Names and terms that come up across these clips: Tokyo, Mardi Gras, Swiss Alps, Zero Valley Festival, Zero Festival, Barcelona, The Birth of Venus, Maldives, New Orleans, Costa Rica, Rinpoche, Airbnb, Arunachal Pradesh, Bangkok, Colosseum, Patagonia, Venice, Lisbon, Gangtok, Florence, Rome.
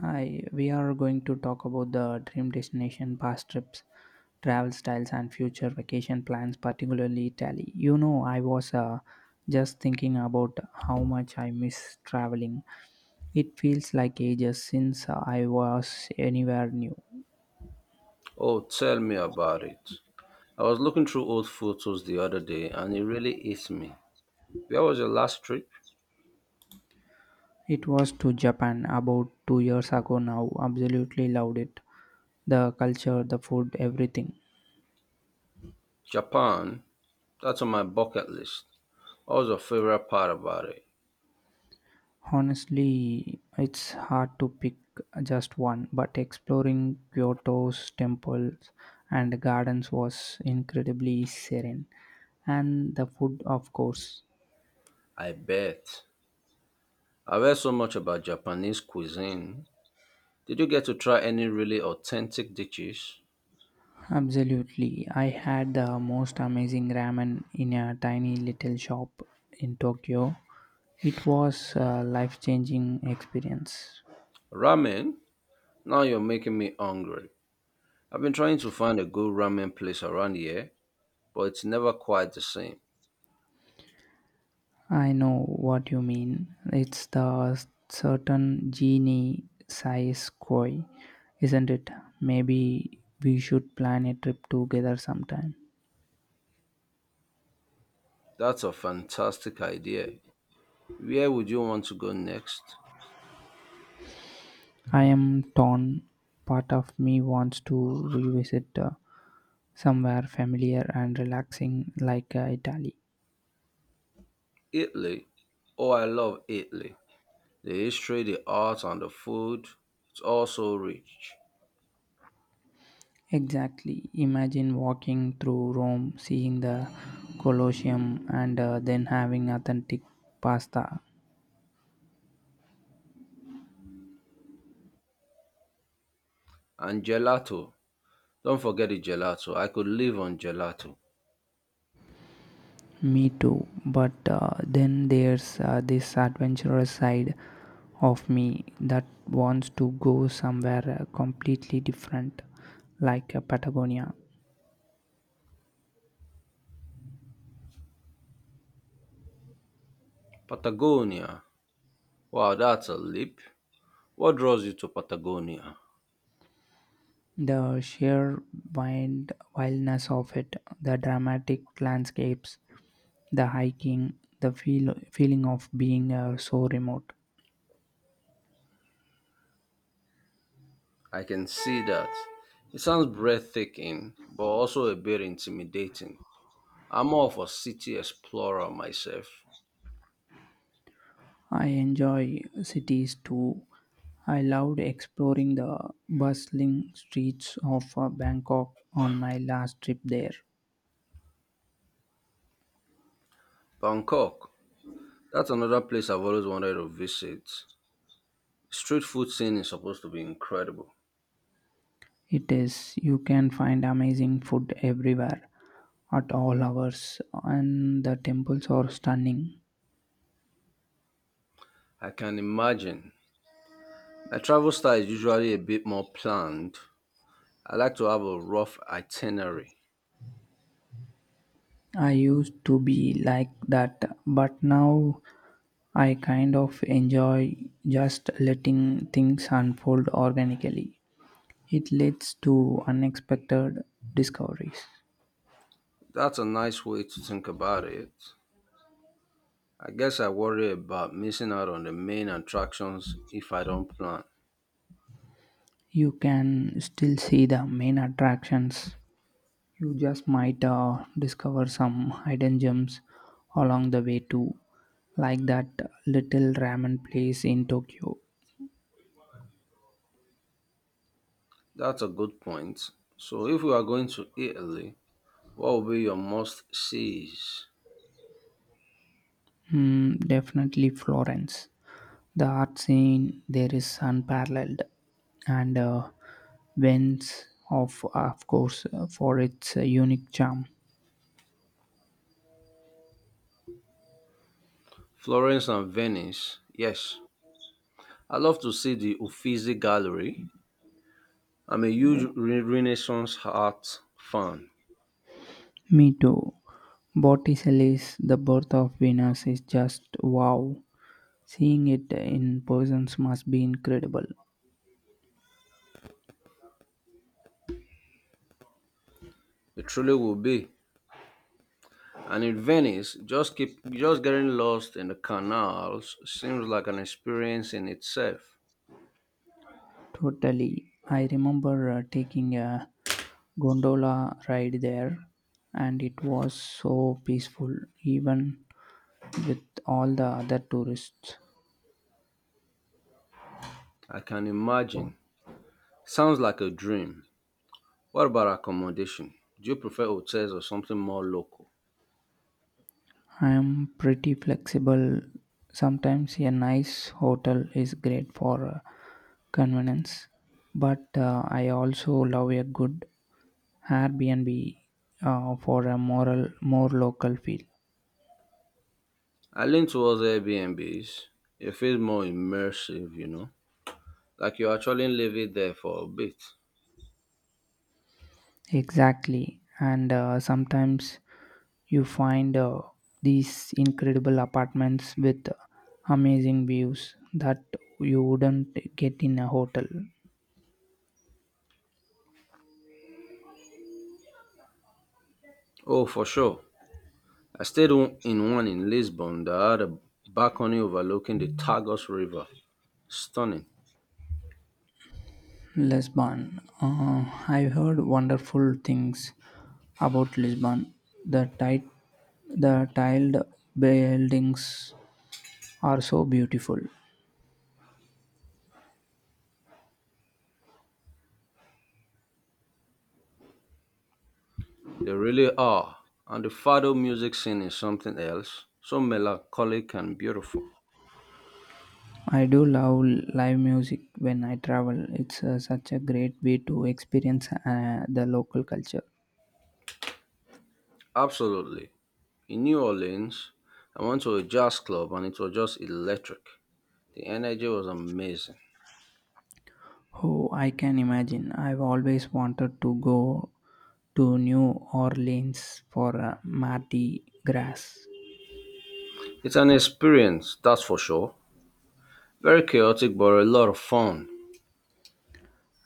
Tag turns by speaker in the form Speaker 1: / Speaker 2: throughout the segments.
Speaker 1: Hi, we are going to talk about the dream destination, past trips, travel styles, and future vacation plans, particularly Italy. I was just thinking about how much I miss traveling. It feels like ages since I was anywhere new.
Speaker 2: Oh, tell me about it. I was looking through old photos the other day and it really hit me. Where was your last trip?
Speaker 1: It was to Japan about 2 years ago now. Absolutely loved it. The culture, the food, everything.
Speaker 2: Japan. That's on my bucket list. What was your favorite part about it?
Speaker 1: Honestly, it's hard to pick just one, but exploring Kyoto's temples and gardens was incredibly serene. And the food, of course.
Speaker 2: I bet. I've heard so much about Japanese cuisine. Did you get to try any really authentic dishes?
Speaker 1: Absolutely. I had the most amazing ramen in a tiny little shop in Tokyo. It was a life changing experience.
Speaker 2: Ramen? Now you're making me hungry. I've been trying to find a good ramen place around here, but it's never quite the same.
Speaker 1: I know what you mean. It's the certain genie size koi, isn't it? Maybe we should plan a trip together sometime.
Speaker 2: That's a fantastic idea. Where would you want to go next?
Speaker 1: I am torn. Part of me wants to revisit somewhere familiar and relaxing like Italy.
Speaker 2: Italy. Oh, I love Italy. The history, the art, and the food. It's all so rich.
Speaker 1: Exactly. Imagine walking through Rome, seeing the Colosseum, and then having authentic pasta.
Speaker 2: And gelato. Don't forget the gelato. I could live on gelato.
Speaker 1: Me too, but then there's this adventurous side of me that wants to go somewhere completely different, like Patagonia.
Speaker 2: Patagonia. Wow, that's a leap. What draws you to Patagonia?
Speaker 1: The sheer wildness of it, the dramatic landscapes, the hiking, the feeling of being so remote.
Speaker 2: I can see that. It sounds breathtaking, but also a bit intimidating. I'm more of a city explorer myself.
Speaker 1: I enjoy cities too. I loved exploring the bustling streets of Bangkok on my last trip there.
Speaker 2: Bangkok. That's another place I've always wanted to visit. Street food scene is supposed to be incredible.
Speaker 1: It is, you can find amazing food everywhere at all hours, and the temples are stunning.
Speaker 2: I can imagine. My travel style is usually a bit more planned. I like to have a rough itinerary.
Speaker 1: I used to be like that, but now I kind of enjoy just letting things unfold organically. It leads to unexpected discoveries.
Speaker 2: That's a nice way to think about it. I guess I worry about missing out on the main attractions if I don't plan.
Speaker 1: You can still see the main attractions. You just might discover some hidden gems along the way too, like that little ramen place in Tokyo.
Speaker 2: That's a good point. So, if we are going to Italy, what will be your must sees?
Speaker 1: Hmm, definitely Florence. The art scene there is unparalleled, and Venice, of course, for its unique charm.
Speaker 2: Florence and Venice. Yes, I love to see the Uffizi Gallery. I'm a huge Renaissance art fan.
Speaker 1: Me too. Botticelli's The Birth of Venus is just wow. Seeing it in persons must be incredible.
Speaker 2: It truly will be. And in Venice, just keep just getting lost in the canals seems like an experience in itself.
Speaker 1: Totally. I remember taking a gondola ride there and it was so peaceful even with all the other tourists.
Speaker 2: I can imagine. Sounds like a dream. What about accommodation? Do you prefer hotels or something more local?
Speaker 1: I am pretty flexible. Sometimes a nice hotel is great for convenience, but I also love a good Airbnb for a more local feel.
Speaker 2: I lean towards Airbnbs. It feels more immersive, you know, like you actually live it there for a bit.
Speaker 1: Exactly. And sometimes you find these incredible apartments with amazing views that you wouldn't get in a hotel.
Speaker 2: Oh, for sure. I stayed in one in Lisbon that had a balcony overlooking the Tagus River. Stunning.
Speaker 1: Lisbon. I've heard wonderful things about Lisbon. The tight, the tiled buildings are so beautiful.
Speaker 2: They really are. And the fado music scene is something else, so melancholic and beautiful.
Speaker 1: I do love live music when I travel. It's such a great way to experience the local culture.
Speaker 2: Absolutely. In New Orleans, I went to a jazz club and it was just electric. The energy was amazing.
Speaker 1: Oh, I can imagine. I've always wanted to go to New Orleans for a Mardi Gras.
Speaker 2: It's an experience, that's for sure. Very chaotic, but a lot of fun.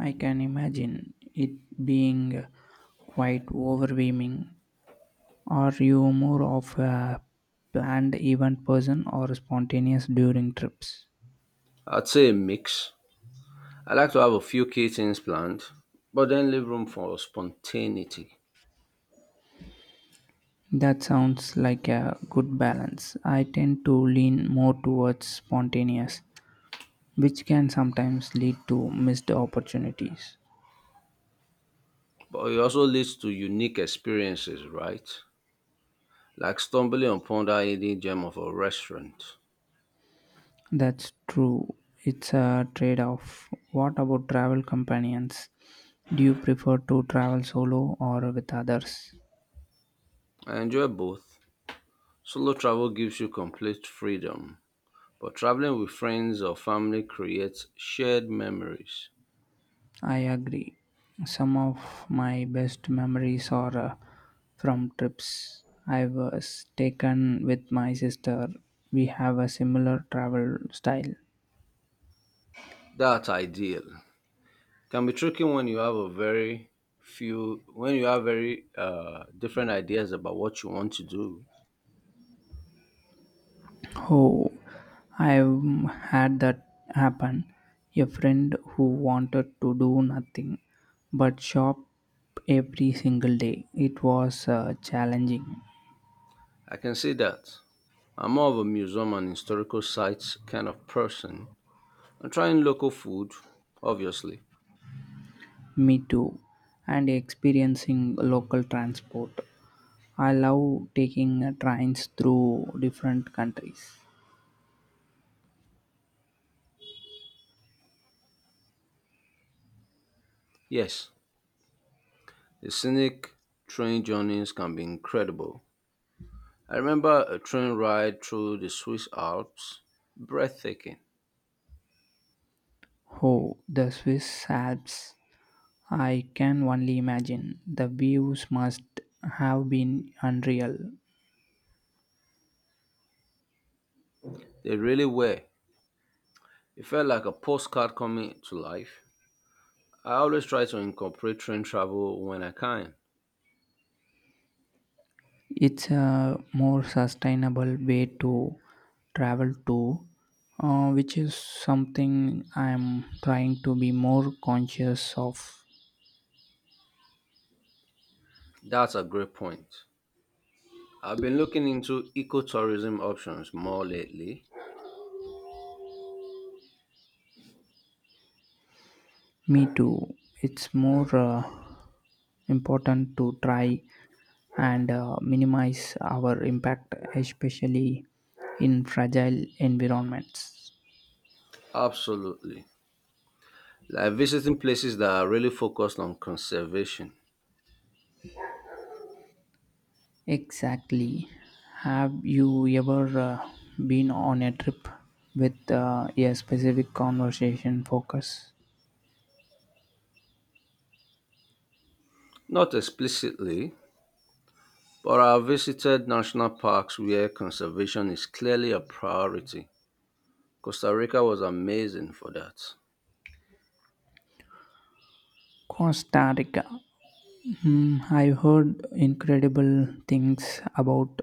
Speaker 1: I can imagine it being quite overwhelming. Are you more of a planned event person or spontaneous during trips?
Speaker 2: I'd say a mix. I like to have a few key things planned, but then leave room for spontaneity.
Speaker 1: That sounds like a good balance. I tend to lean more towards spontaneous, which can sometimes lead to missed opportunities.
Speaker 2: But it also leads to unique experiences, right? Like stumbling upon that hidden gem of a restaurant.
Speaker 1: That's true. It's a trade off. What about travel companions? Do you prefer to travel solo or with others?
Speaker 2: I enjoy both. Solo travel gives you complete freedom, but traveling with friends or family creates shared memories.
Speaker 1: I agree. Some of my best memories are from trips I was taken with my sister. We have a similar travel style.
Speaker 2: That's ideal. Can be tricky when you have a very few when you have very different ideas about what you want to do.
Speaker 1: Oh, I've had that happen. A friend who wanted to do nothing but shop every single day. It was challenging.
Speaker 2: I can see that. I'm more of a museum and historical sites kind of person. I'm trying local food, obviously.
Speaker 1: Me too. And experiencing local transport. I love taking trains through different countries.
Speaker 2: Yes, the scenic train journeys can be incredible. I remember a train ride through the Swiss Alps, breathtaking.
Speaker 1: Oh, the Swiss Alps. I can only imagine. The views must have been unreal.
Speaker 2: They really were. It felt like a postcard coming to life. I always try to incorporate train travel when I can.
Speaker 1: It's a more sustainable way to travel to, which is something I'm trying to be more conscious of.
Speaker 2: That's a great point. I've been looking into ecotourism options more lately.
Speaker 1: Me too. It's more important to try and minimize our impact, especially in fragile environments.
Speaker 2: Absolutely. Like visiting places that are really focused on conservation.
Speaker 1: Exactly. Have you ever been on a trip with a specific conversation focus?
Speaker 2: Not explicitly, but I have visited national parks where conservation is clearly a priority. Costa Rica was amazing for that.
Speaker 1: Costa Rica. Hmm, I've heard incredible things about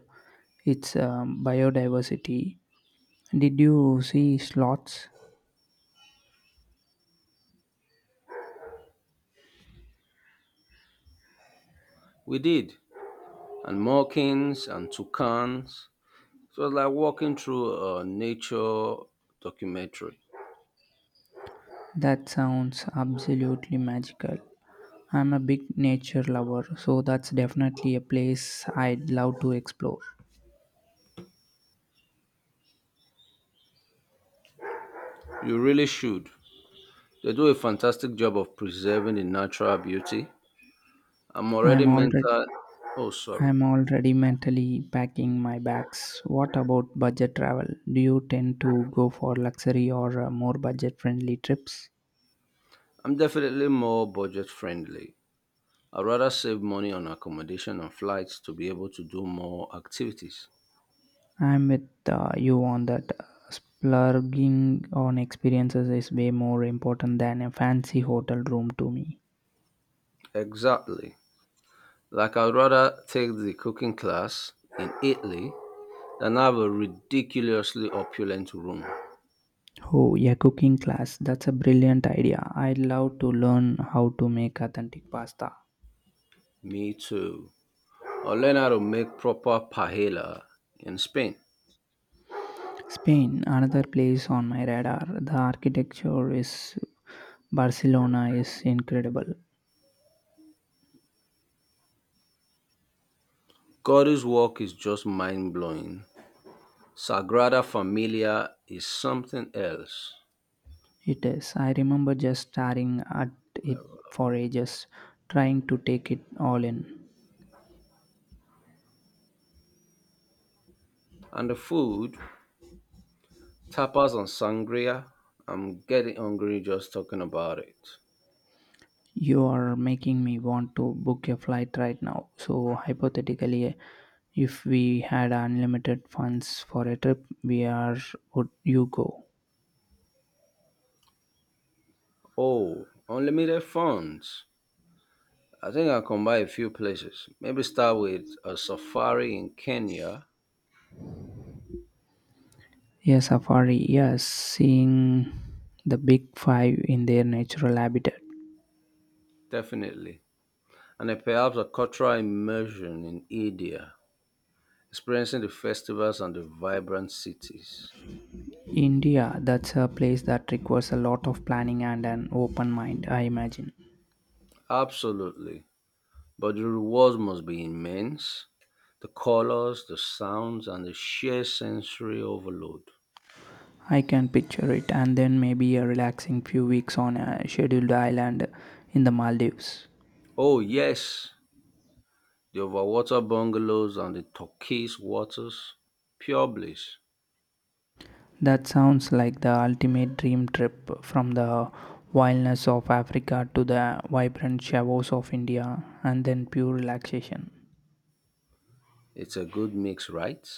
Speaker 1: its biodiversity. Did you see sloths?
Speaker 2: We did, and monkeys and toucans. So it's like walking through a nature documentary.
Speaker 1: That sounds absolutely magical. I'm a big nature lover, so that's definitely a place I'd love to explore.
Speaker 2: You really should. They do a fantastic job of preserving the natural beauty. I'm already
Speaker 1: I'm already
Speaker 2: mental. Oh, sorry.
Speaker 1: I'm already mentally packing my bags. What about budget travel? Do you tend to go for luxury or more budget-friendly trips?
Speaker 2: I'm definitely more budget friendly. I'd rather save money on accommodation and flights to be able to do more activities.
Speaker 1: I'm with you on that. Splurging on experiences is way more important than a fancy hotel room to me.
Speaker 2: Exactly. Like I'd rather take the cooking class in Italy than have a ridiculously opulent room.
Speaker 1: Oh, yeah, cooking class. That's a brilliant idea. I'd love to learn how to make authentic pasta.
Speaker 2: Me too. Or learn how to make proper paella in Spain.
Speaker 1: Spain, another place on my radar. The architecture is Barcelona is incredible.
Speaker 2: God's work is just mind blowing. Sagrada Familia is something else.
Speaker 1: It is. I remember just staring at it for ages, trying to take it all in.
Speaker 2: And the food, tapas and sangria, I'm getting hungry just talking about it.
Speaker 1: You are making me want to book a flight right now. So, hypothetically, if we had unlimited funds for a trip, we are would you go?
Speaker 2: Oh, unlimited funds. I think I'll combine a few places. Maybe start with a safari in Kenya,
Speaker 1: Yes, safari. Yes, seeing the big five in their natural habitat.
Speaker 2: definitely, and then perhaps a cultural immersion in India, experiencing the festivals and the vibrant cities.
Speaker 1: India, that's a place that requires a lot of planning and an open mind, I imagine.
Speaker 2: Absolutely. But the rewards must be immense, the colors, the sounds, and the sheer sensory overload.
Speaker 1: I can picture it, and then maybe a relaxing few weeks on a scheduled island in the Maldives.
Speaker 2: Oh, yes, the overwater bungalows and the turquoise waters. Pure bliss.
Speaker 1: That sounds like the ultimate dream trip from the wildness of Africa to the vibrant shavos of India and then pure relaxation.
Speaker 2: It's a good mix, right?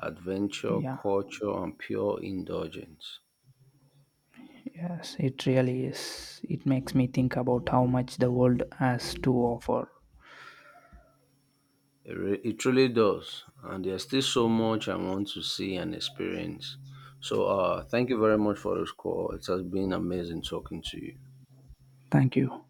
Speaker 2: Adventure,
Speaker 1: Yeah,
Speaker 2: culture, and pure indulgence.
Speaker 1: yes, it really is. It makes me think about how much the world has to offer.
Speaker 2: It truly does. And there's still so much I want to see and experience. So, thank you very much for this call. It has been amazing talking to you.
Speaker 1: Thank you.